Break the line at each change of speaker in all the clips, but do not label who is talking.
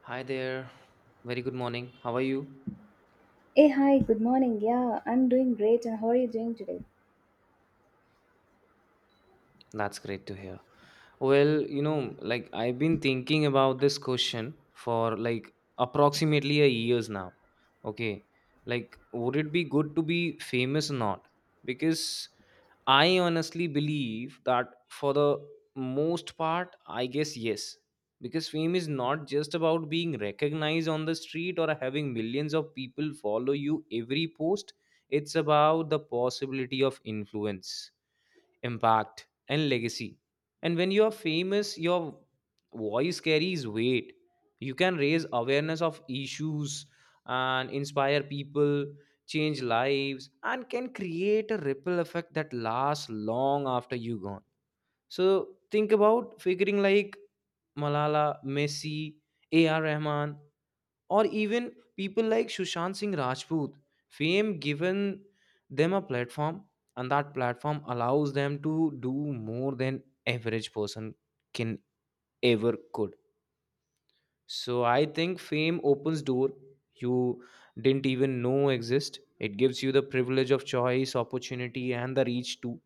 Hi there. Very good morning. How are you?
Hey, hi, good morning. Yeah, I'm doing great. And how are you doing today?
That's great to hear. Well, you know, like I've been thinking about this question for like approximately a years now. Okay. Like would it be good to be famous or not? Because I honestly believe that for the most part, I guess yes. Because fame is not just about being recognized on the street or having millions of people follow you every post. It's about the possibility of influence, impact and legacy, and when you are famous your voice carries weight. You can raise awareness of issues and inspire people, change lives and can create a ripple effect that lasts long after you gone. So think about figuring like Malala, Messi, AR Rahman, or even people like Sushant Singh Rajput. Fame given them a platform, and that platform allows them to do more than average person can ever could. So I think fame opens door you didn't even know exist. It gives you the privilege of choice, opportunity, and the reach too.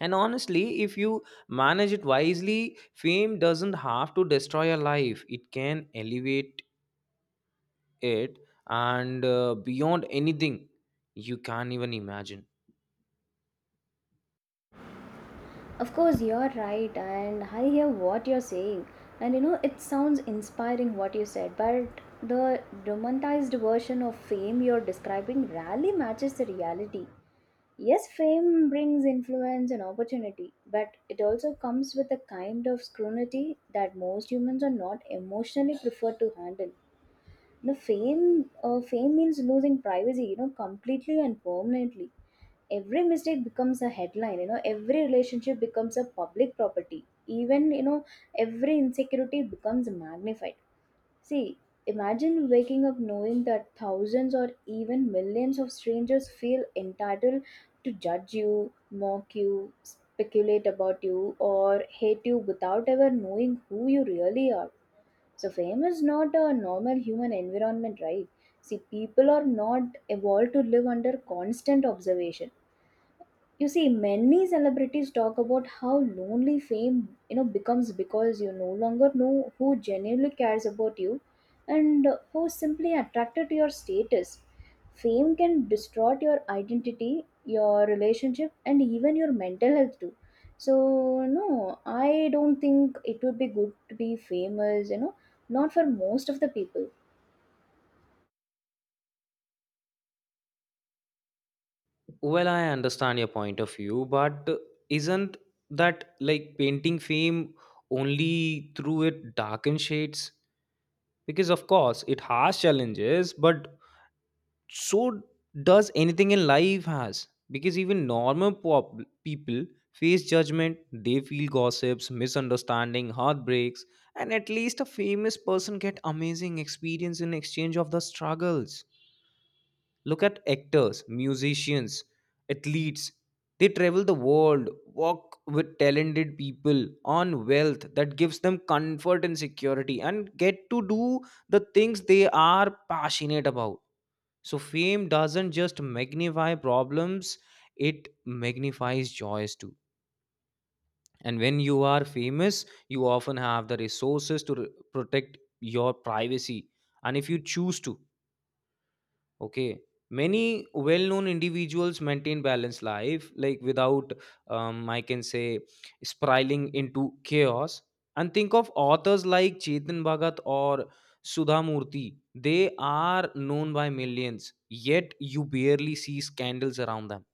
And honestly, if you manage it wisely, fame doesn't have to destroy your life. It can elevate it and beyond anything you can even imagine.
Of course, you're right. And I hear what you're saying. And you know, it sounds inspiring what you said, but the romanticized version of fame you're describing rarely matches the reality. Yes, fame brings influence and opportunity, but it also comes with a kind of scrutiny that most humans are not emotionally preferred to handle. You know, fame means losing privacy, you know, completely and permanently. Every mistake becomes a headline. You know, every relationship becomes a public property. Even, you know, every insecurity becomes magnified. See, imagine waking up knowing that thousands or even millions of strangers feel entitled to judge you, mock you, speculate about you, or hate you without ever knowing who you really are. So fame is not a normal human environment, right? See, people are not evolved to live under constant observation. You see, many celebrities talk about how lonely fame, you know, becomes, because you no longer know who genuinely cares about you and who simply attracted to your status. Fame can distort your identity, your relationship, and even your mental health too. So no, I don't think it would be good to be famous, you know, not for most of the people.
Well, I understand your point of view, but isn't that like painting fame only through it darkened shades? Because of course it has challenges, but so does anything in life has, because even normal people face judgment, they feel gossips, misunderstanding, heartbreaks. And at least a famous person get amazing experience in exchange of the struggles. Look at actors, musicians, athletes. They travel the world, walk with talented people on wealth that gives them comfort and security, and get to do the things they are passionate about. So fame doesn't just magnify problems, it magnifies joys too. And when you are famous, you often have the resources to protect your privacy. And if you choose to, okay. Many well known individuals maintain balanced life, like without, I can say, spiraling into chaos. And think of authors like Chetan Bhagat or Sudha Murthy. They are known by millions, yet you barely see scandals around them.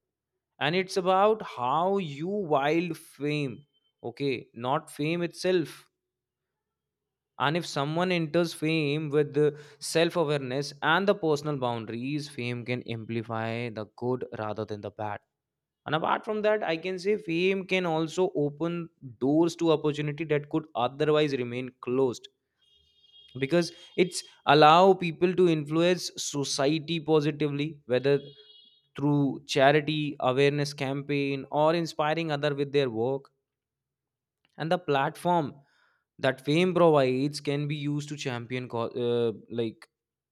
And it's about how you wield fame, okay, not fame itself. And if someone enters fame with the self awareness and the personal boundaries, fame can amplify the good rather than the bad. And apart from that, I can say fame can also open doors to opportunity that could otherwise remain closed, because it's allow people to influence society positively, whether through charity awareness campaign or inspiring other with their work. And the platform that fame provides can be used to champion like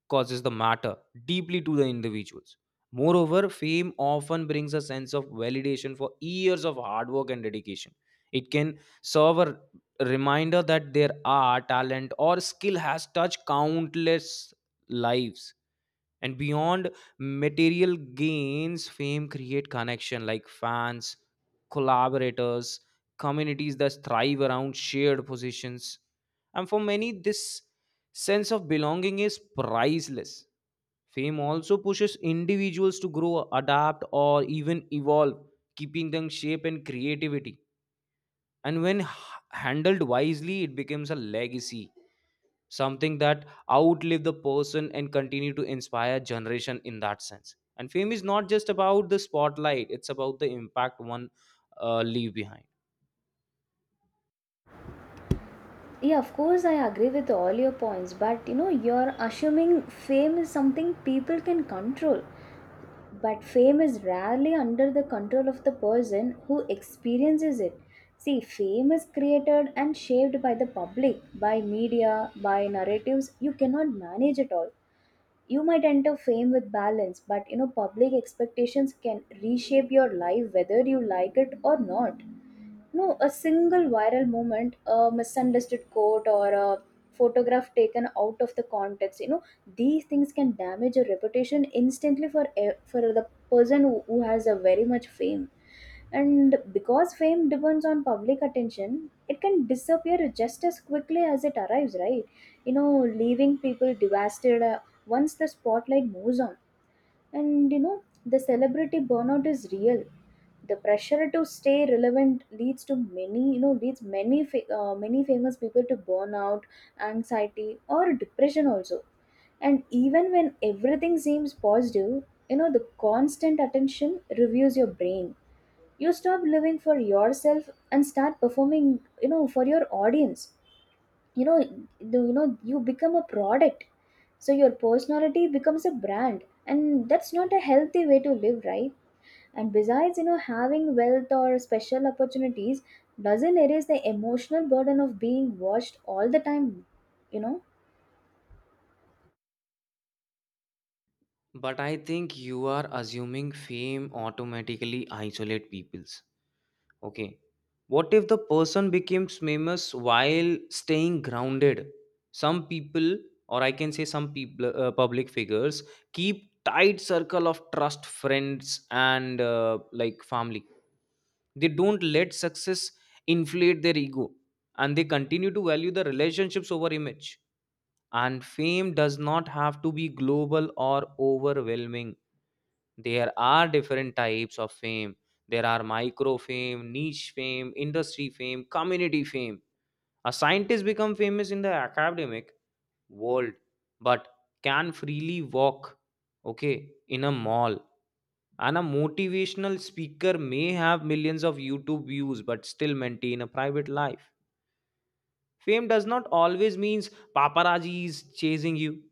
causes the matter deeply to the individuals. Moreover, fame often brings a sense of validation for years of hard work and dedication. It can serve a reminder that their art, talent, or skill has touched countless lives. And beyond material gains, fame create connection, like fans, collaborators, communities that thrive around shared positions. And for many, this sense of belonging is priceless. Fame also pushes individuals to grow, adapt or even evolve, keeping them shape and creativity. And when handled wisely, it becomes a legacy, something that outlive the person and continue to inspire generation in that sense. And fame is not just about the spotlight, it's about the impact one leave behind.
Yeah, of course, I agree with all your points, but you know, you're assuming fame is something people can control. But fame is rarely under the control of the person who experiences it. See, fame is created and shaped by the public, by media, by narratives you cannot manage at all. You might enter fame with balance, but you know, public expectations can reshape your life whether you like it or not. No, a single viral moment, a misunderstood quote, or a photograph taken out of the context, you know, these things can damage your reputation instantly for for the person who has a very much fame. And because fame depends on public attention, it can disappear just as quickly as it arrives, right? You know, leaving people devastated once the spotlight moves on. And you know, the celebrity burnout is real. The pressure to stay relevant leads to many, you know, leads many many famous people to burnout, anxiety, or depression also. And even when everything seems positive, you know, the constant attention reviews your brain. You stop living for yourself and start performing, you know, for your audience. You know, you know, you become a product. So your personality becomes a brand, and that's not a healthy way to live, right? And besides, you know, having wealth or special opportunities doesn't erase the emotional burden of being watched all the time, you know.
But I think you are assuming fame automatically isolate peoples, okay. What if the person becomes famous while staying grounded? Some people, or I can say some people, public figures, keep tight circle of trust friends and like family. They don't let success inflate their ego, and they continue to value the relationships over image. And fame does not have to be global or overwhelming. There are different types of fame. There are micro fame, niche fame, industry fame, community fame. A scientist become famous in the academic world, but can freely walk, okay, in a mall. And a motivational speaker may have millions of YouTube views but still maintain a private life. Fame does not always means paparazzis chasing you.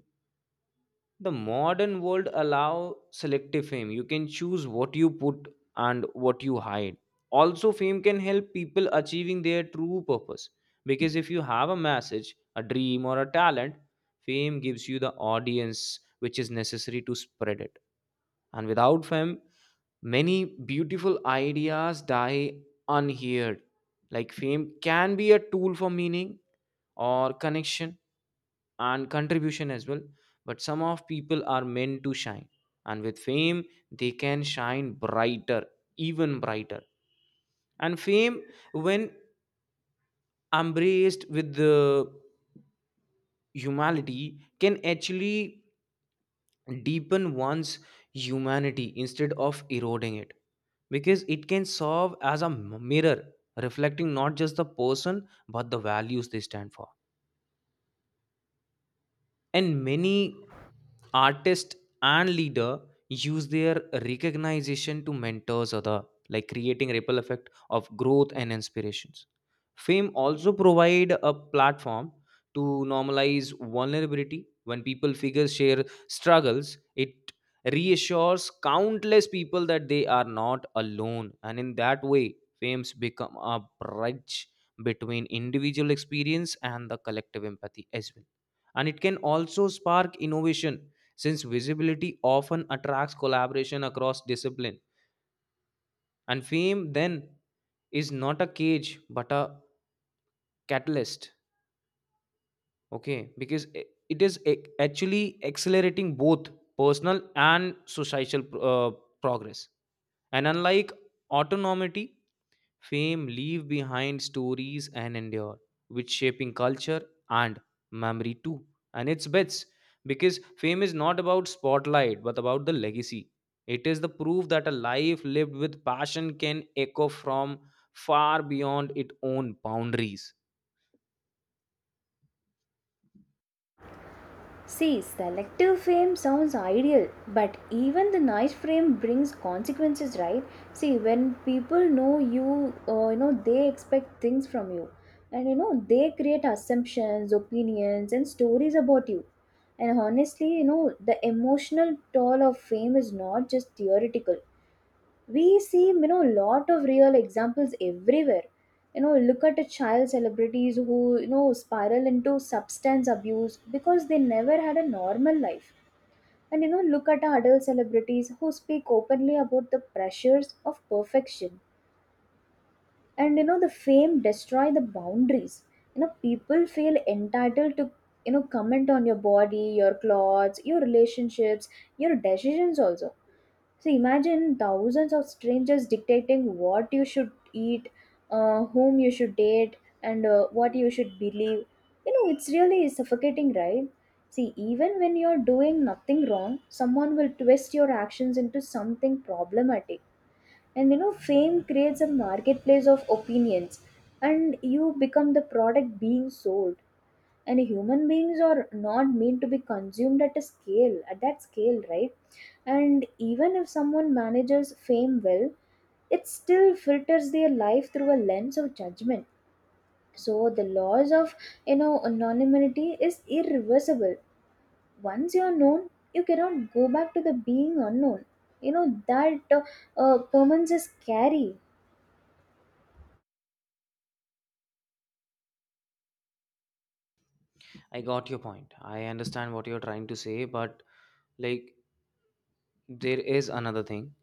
The modern world allow selective fame. You can choose what you put and what you hide. Also, fame can help people achieving their true purpose, because if you have a message, a dream or a talent, fame gives you the audience which is necessary to spread it. And without fame, many beautiful ideas die unheard. Like fame can be a tool for meaning or connection and contribution as well, but some of people are meant to shine. And with fame, they can shine brighter, even brighter. And fame, when embraced with the humanity, can actually deepen one's humanity instead of eroding it, because it can serve as a mirror, reflecting not just the person but the values they stand for. And many artists and leader use their recognition to mentors other, like creating ripple effect of growth and inspirations. Fame also provide a platform to normalize vulnerability. When people figures share struggles, it reassures countless people that they are not alone, and in that way fames become a bridge between individual experience and the collective empathy as well. And it can also spark innovation, since visibility often attracts collaboration across discipline. And fame then is not a cage but a catalyst, okay, because it is actually accelerating both personal and societal uh, progress. And unlike autonomy, fame leave behind stories and endure, which shaping culture and memory too. And it's bets, because fame is not about spotlight but about the legacy. It is the proof that a life lived with passion can echo from far beyond its own boundaries.
See, selective fame sounds ideal, but even the nice fame brings consequences, right? See, when people know you, you know, they expect things from you, and you know, they create assumptions, opinions, and stories about you. And honestly, you know, the emotional toll of fame is not just theoretical; we see, you know, a lot of real examples everywhere. You know, look at a child celebrities who, you know, spiral into substance abuse because they never had a normal life. And you know, look at our adult celebrities who speak openly about the pressures of perfection. And you know, the fame destroy the boundaries. You know, people feel entitled to, you know, comment on your body, your clothes, your relationships, your decisions also. So imagine thousands of strangers dictating what you should eat, whom you should date, and what you should believe. You know, it's really suffocating, right? See, even when you're doing nothing wrong, someone will twist your actions into something problematic. And you know, fame creates a marketplace of opinions, and you become the product being sold. And human beings are not meant to be consumed at a scale, at that scale, right? And even if someone manages fame well, it still filters their life through a lens of judgment. So the laws of, you know, anonymity is irreversible. Once you're known, you cannot go back to the being unknown. You know that permanence is scary.
I got your point. I understand what you're trying to say, but like there is another thing.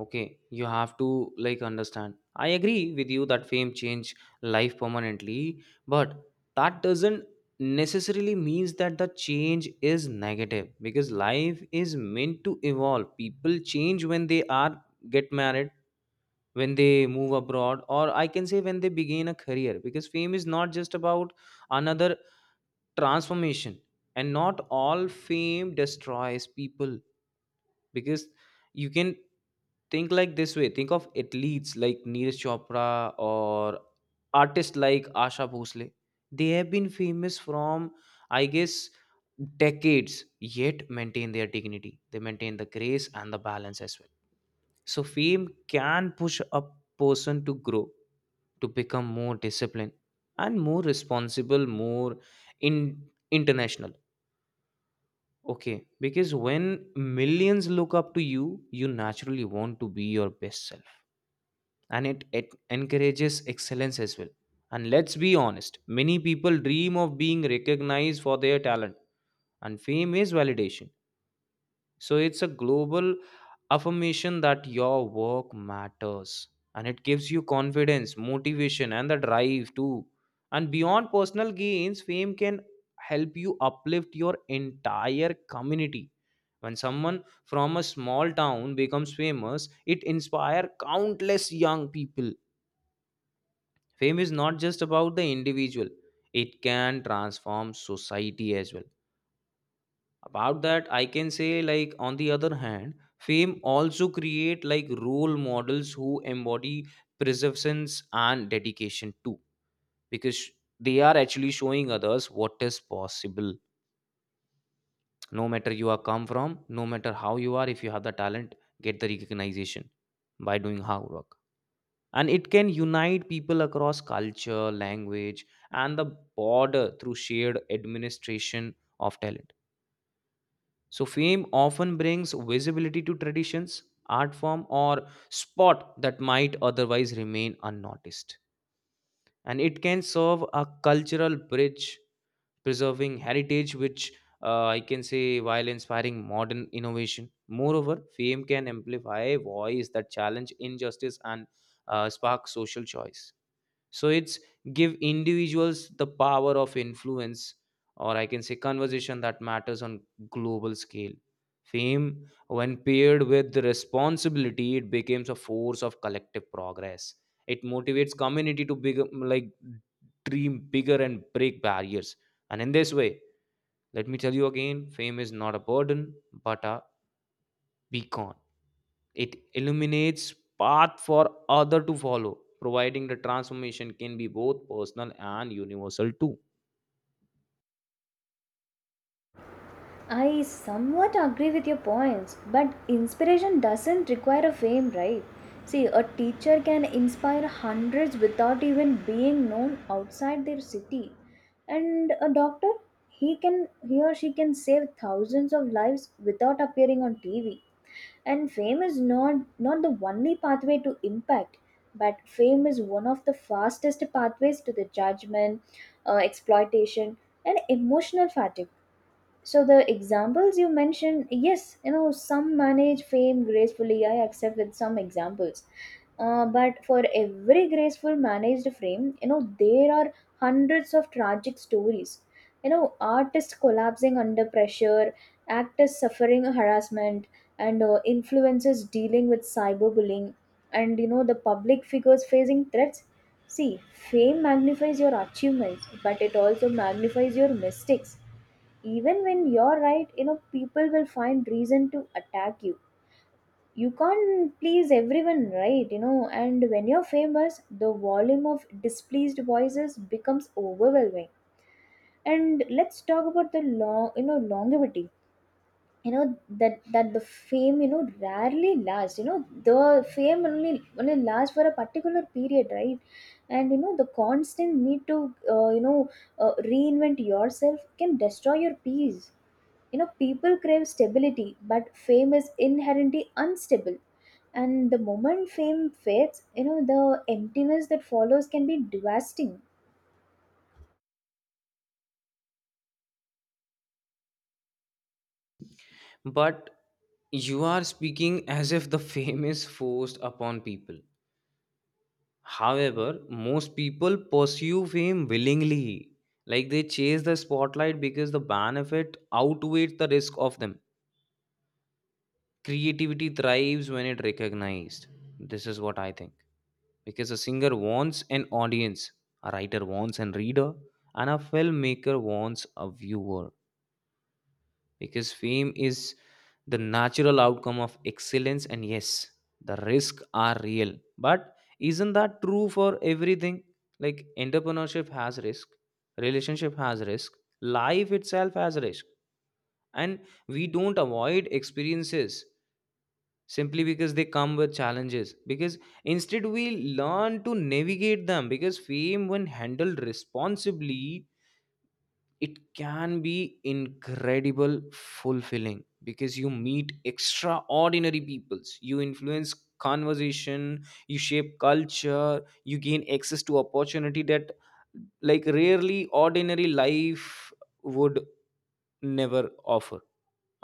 Okay, you have to like understand. I agree with you that fame change life permanently, but that doesn't necessarily means that the change is negative, because life is meant to evolve. People change when they are get married, when they move abroad, or I can say when they begin a career, because fame is not just about another transformation. And not all fame destroys people, because you can think like this way. Think of athletes like Neeraj Chopra, or artists like Asha Bhosle. They have been famous from, I guess, decades, yet maintain their dignity. They maintain the grace and the balance as well. So fame can push a person to grow, to become more disciplined and more responsible, more in international. Okay, because when millions look up to you, you naturally want to be your best self, and it encourages excellence as well. And let's be honest, many people dream of being recognized for their talent, and fame is validation. So it's a global affirmation that your work matters, and it gives you confidence, motivation and the drive too. And beyond personal gains, fame can help you uplift your entire community. When someone from a small town becomes famous, it inspires countless young people. Fame is not just about the individual, it can transform society as well. About that, I can say, like on the other hand, fame also create like role models who embody perseverance and dedication too, because they are actually showing others what is possible, no matter you are come from, no matter how you are. If you have the talent, get the recognition by doing hard work. And it can unite people across culture, language and the border through shared administration of talent. So fame often brings visibility to traditions, art form, or spot that might otherwise remain unnoticed. And it can serve a cultural bridge, preserving heritage, which I can say while inspiring modern innovation. Moreover, fame can amplify a voice that challenge injustice and spark social choice. So it's give individuals the power of influence, or I can say conversation that matters on global scale. Fame, when paired with the responsibility, it becomes a force of collective progress. It motivates community to big, like dream bigger and break barriers. And in this way, let me tell you again, fame is not a burden but a beacon. It illuminates path for other to follow, providing the transformation can be both personal and universal too.
I somewhat agree with your points, but inspiration doesn't require a fame, right? See, a teacher can inspire hundreds without even being known outside their city. And a doctor, he or she can save thousands of lives without appearing on TV. And fame is not the only pathway to impact, but fame is one of the fastest pathways to the judgment, exploitation, and emotional fatigue. So the examples you mentioned, yes, you know, some manage fame gracefully. I accept with some examples. But for every graceful managed frame, you know, there are hundreds of tragic stories. You know, artists collapsing under pressure, actors suffering harassment, and influencers dealing with cyberbullying, and you know, the public figures facing threats. See, fame magnifies your achievements, but it also magnifies your mistakes even when you're right. You know, people will find reason to attack you. You can't please everyone, right? You know, and when you're famous, the volume of displeased voices becomes overwhelming. And let's talk about the long, you know, longevity. You know, that the fame, you know, rarely lasts. You know, the fame only only lasts for a particular period, right? And you know, the constant need to, you know, reinvent yourself can destroy your peace. You know, people crave stability, but fame is inherently unstable. And the moment fame fades, you know, the emptiness that follows can be devastating.
But you are speaking as if the fame is forced upon people. However, most people pursue fame willingly. Like they chase the spotlight because the benefit outweighs the risk of them. Creativity thrives when it recognized. This is what I think. Because a singer wants an audience, a writer wants an reader, and a filmmaker wants a viewer. Because fame is the natural outcome of excellence, and yes, the risks are real. But isn't that true for everything? Like entrepreneurship has risk, relationship has risk, life itself has risk, and we don't avoid experiences simply because they come with challenges. Because instead we learn to navigate them, because fame, when handled responsibly, it can be incredible fulfilling, because you meet extraordinary peoples, you influence conversation, you shape culture, you gain access to opportunity that like rarely ordinary life would never offer.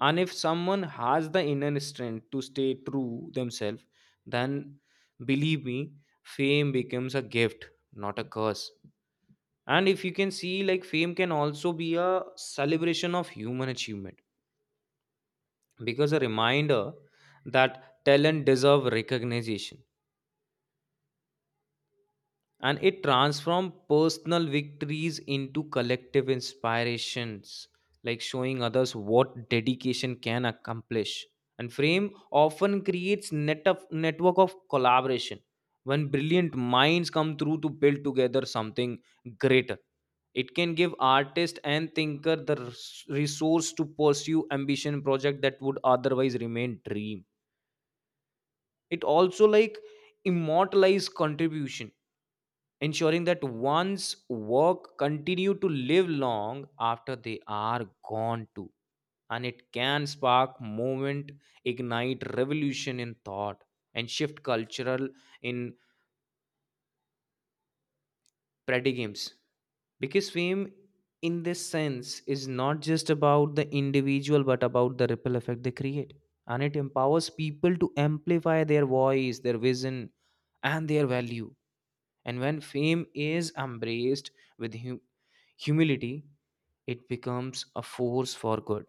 And if someone has the inner strength to stay true themselves, then believe me, fame becomes a gift, not a curse. And if you can see, like fame can also be a celebration of human achievement, because a reminder that talent deserve recognition, and it transforms personal victories into collective inspirations, like showing others what dedication can accomplish. And frame often creates net of network of collaboration, when brilliant minds come through to build together something greater. It can give artist and thinker the resource to pursue ambition project that would otherwise remain dream. It also like immortalize contribution, ensuring that one's work continue to live long after they are gone too. And it can spark movement, ignite revolution in thought, and shift cultural in paradigms, because fame in this sense is not just about the individual but about the ripple effect they create. And it empowers people to amplify their voice, their vision, and their value. And when fame is embraced with humility, it becomes a force for good.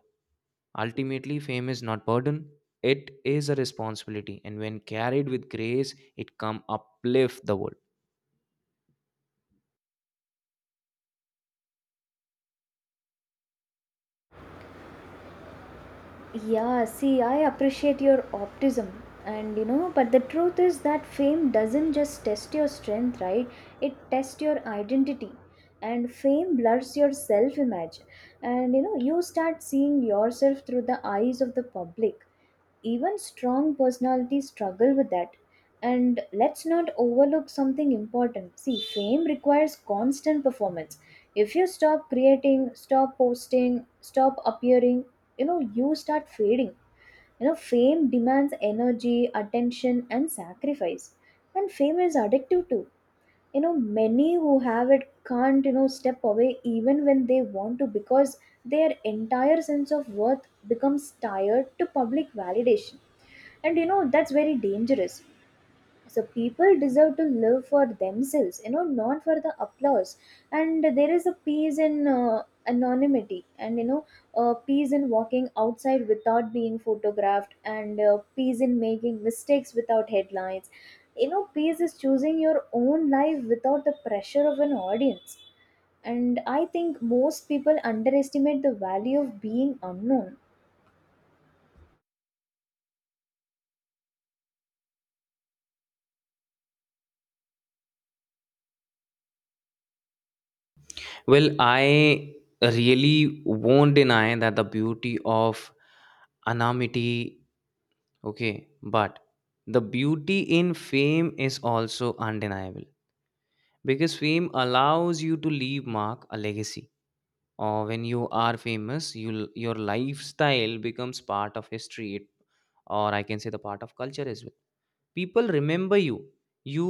Ultimately, fame is not burden, it is a responsibility. And when carried with grace, it come uplift the world.
Yeah, see, I appreciate your optimism. And you know, but the truth is that fame doesn't just test your strength, right? It tests your identity. And fame blurs your self image. And you know, you start seeing yourself through the eyes of the public. Even strong personalities struggle with that. And let's not overlook something important. See, fame requires constant performance. If you stop creating, stop posting, stop appearing, you know, you start fading. You know, fame demands energy, attention, and sacrifice. And fame is addictive too. You know, many who have it can't, you know, step away even when they want to, because their entire sense of worth becomes tied to public validation. And you know, that's very dangerous. So people deserve to live for themselves, you know, not for the applause. And there is a peace in, anonymity, and you know, peace in walking outside without being photographed, and peace in making mistakes without headlines. You know, peace is choosing your own life without the pressure of an audience. And I think most people underestimate the value of being unknown.
Well, I really won't deny that the beauty of anonymity, okay, but the beauty in fame is also undeniable, because fame allows you to leave mark a legacy. Or when you are famous, you your lifestyle becomes part of history it, or I can say the part of culture as well. People remember you, you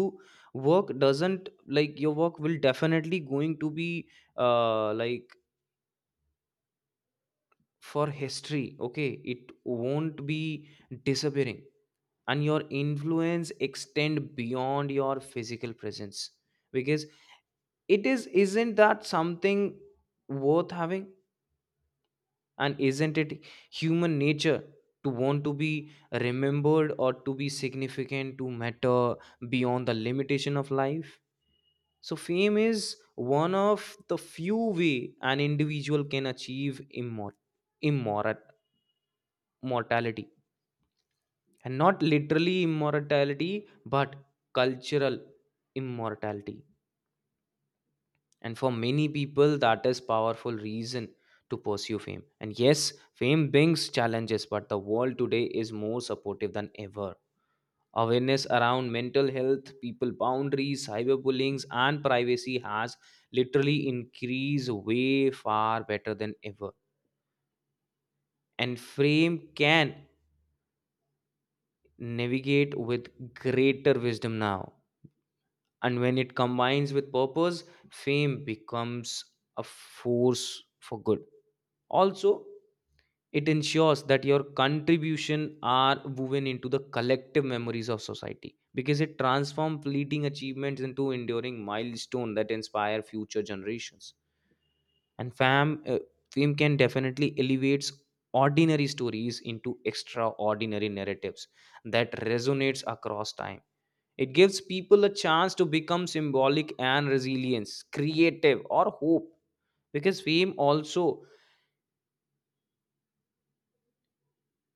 work doesn't, like your work will definitely going to be like for history, okay, it won't be disappearing. And your influence extend beyond your physical presence, because it is isn't that something worth having? And isn't it human nature to want to be remembered, or to be significant, to matter beyond the limitation of life? So, fame is one of the few way an individual can achieve immor- immortality, and not literally immortality, but cultural immortality. And for many people that is powerful reason to pursue fame. And yes, fame brings challenges, but the world today is more supportive than ever. Awareness around mental health, people boundaries, cyberbullying and privacy has literally increased way far better than ever. And fame can navigate with greater wisdom now. And when it combines with purpose, fame becomes a force for good also. It ensures that your contribution are woven into the collective memories of society, because it transforms fleeting achievements into enduring milestones that inspire future generations. And fame can definitely elevates ordinary stories into extraordinary narratives that resonates across time. It gives people a chance to become symbolic and resilience, creative, or hope, because fame also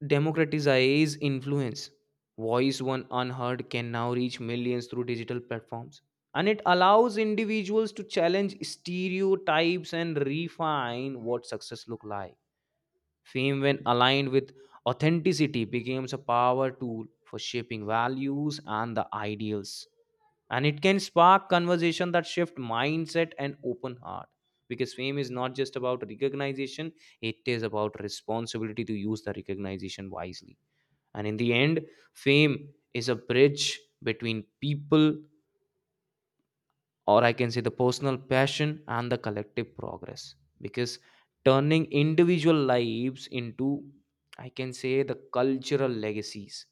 democratize influence. Voice one unheard can now reach millions through digital platforms. And it allows individuals to challenge stereotypes and refine what success look like. Fame, when aligned with authenticity, becomes a power tool for shaping values and the ideals. And it can spark conversation that shift mindset and open heart. Because fame is not just about recognition, it is about responsibility to use the recognition wisely. And in the end, fame is a bridge between people, or I can say the personal passion and the collective progress. Because turning individual lives into, I can say, the cultural legacies.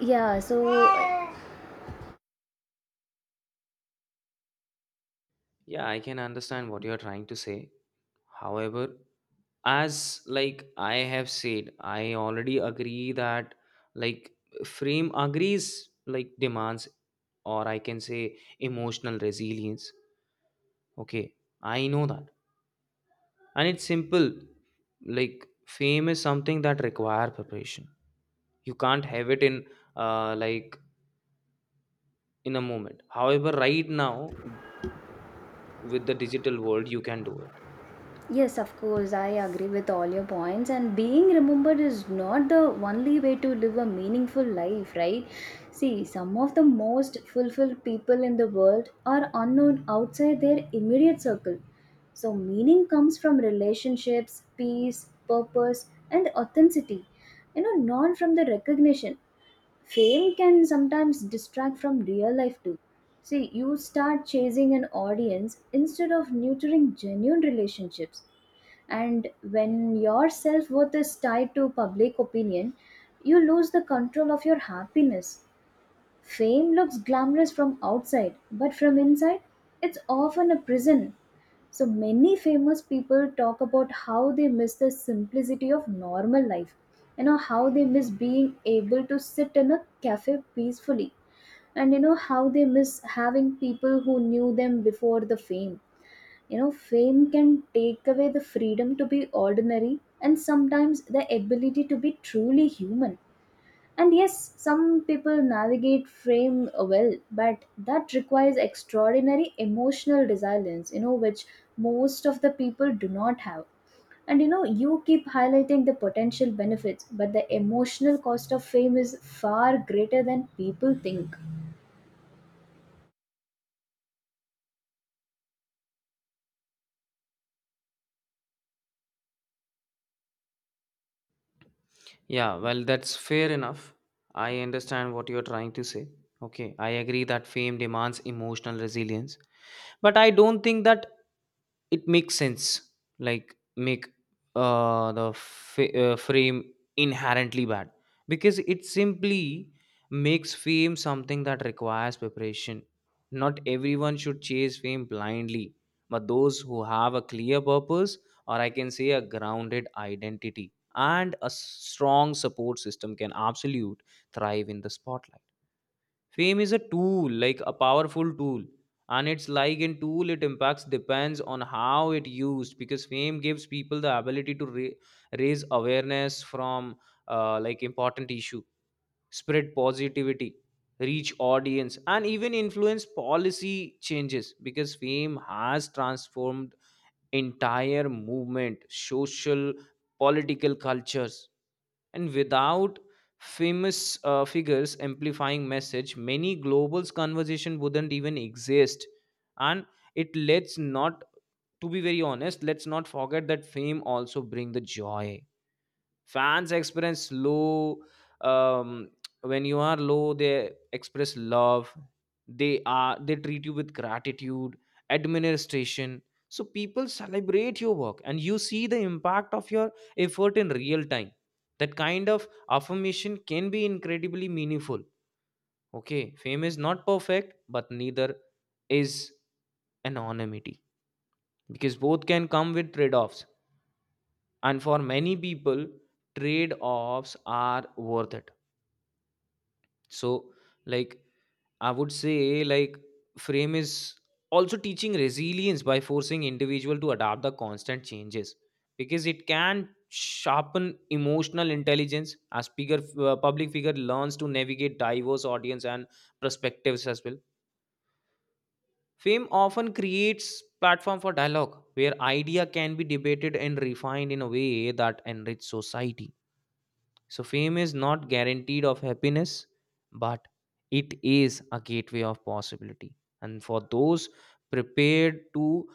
Yeah, so.
Yeah, I can understand what you're trying to say. However, as like I have said, I already agree that like frame agrees like demands, or I can say emotional resilience. Okay, I know that. And it's simple. Like fame is something that require preparation. You can't have it in like in a moment, however right now with the digital world you can do it.
Yes, of course, I agree with all your points. And being remembered is not the only way to live a meaningful life, right? See, some of the most fulfilled people in the world are unknown outside their immediate circle. So, meaning comes from relationships, peace, purpose, and authenticity, you know, not from the recognition. Fame can sometimes distract from real life too. See, you start chasing an audience instead of nurturing genuine relationships. And when your self worth is tied to public opinion, you lose the control of your happiness. Fame looks glamorous from outside, but from inside, it's often a prison. So many famous people talk about how they miss the simplicity of normal life. You know, how they miss being able to sit in a cafe peacefully. And you know, how they miss having people who knew them before the fame. You know, fame can take away the freedom to be ordinary and sometimes the ability to be truly human. And yes, some people navigate frame well, but that requires extraordinary emotional resilience, you know, which most of the people do not have. And you know, you keep highlighting the potential benefits, but the emotional cost of fame is far greater than people think.
Yeah, well, that's fair enough. I understand what you're trying to say. Okay, I agree that fame demands emotional resilience, but I don't think that it makes sense, like make frame inherently bad, because it simply makes fame something that requires preparation. Not everyone should chase fame blindly, but those who have a clear purpose, or I can say a grounded identity and a strong support system, can absolute thrive in the spotlight. Fame is a tool, like a powerful tool, and it's like in tool it impacts depends on how it used, because fame gives people the ability to raise awareness from like important issue, spread positivity, reach audience, and even influence policy changes, because fame has transformed entire movement, social, political cultures. And without famous figures amplifying message, many global conversation wouldn't even exist. And it lets not, to be very honest, let's not forget that fame also bring the joy. Fans experience low, um, when you are low they express love, they are they treat you with gratitude, administration. So people celebrate your work and you see the impact of your effort in real time. That kind of affirmation can be incredibly meaningful. Okay, fame is not perfect, but neither is anonymity, because both can come with trade-offs, and for many people trade offs are worth it. So like I would say like frame is also teaching resilience by forcing individual to adapt the constant changes, because it can sharpen emotional intelligence as bigger public figure learns to navigate diverse audience and perspectives as well. Fame often creates platform for dialogue where idea can be debated and refined in a way that enrich society. So, fame is not guaranteed of happiness, but it is a gateway of possibility. And for those prepared to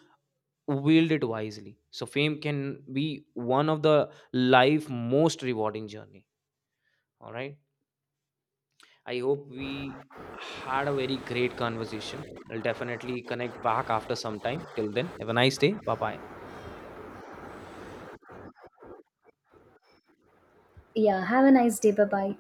wield it wisely, so fame can be one of the life most rewarding journey. All right. I hope we had a very great conversation. I'll definitely connect back after some time. Till then, have a nice day. Bye bye.
Yeah, have a nice day. Bye bye.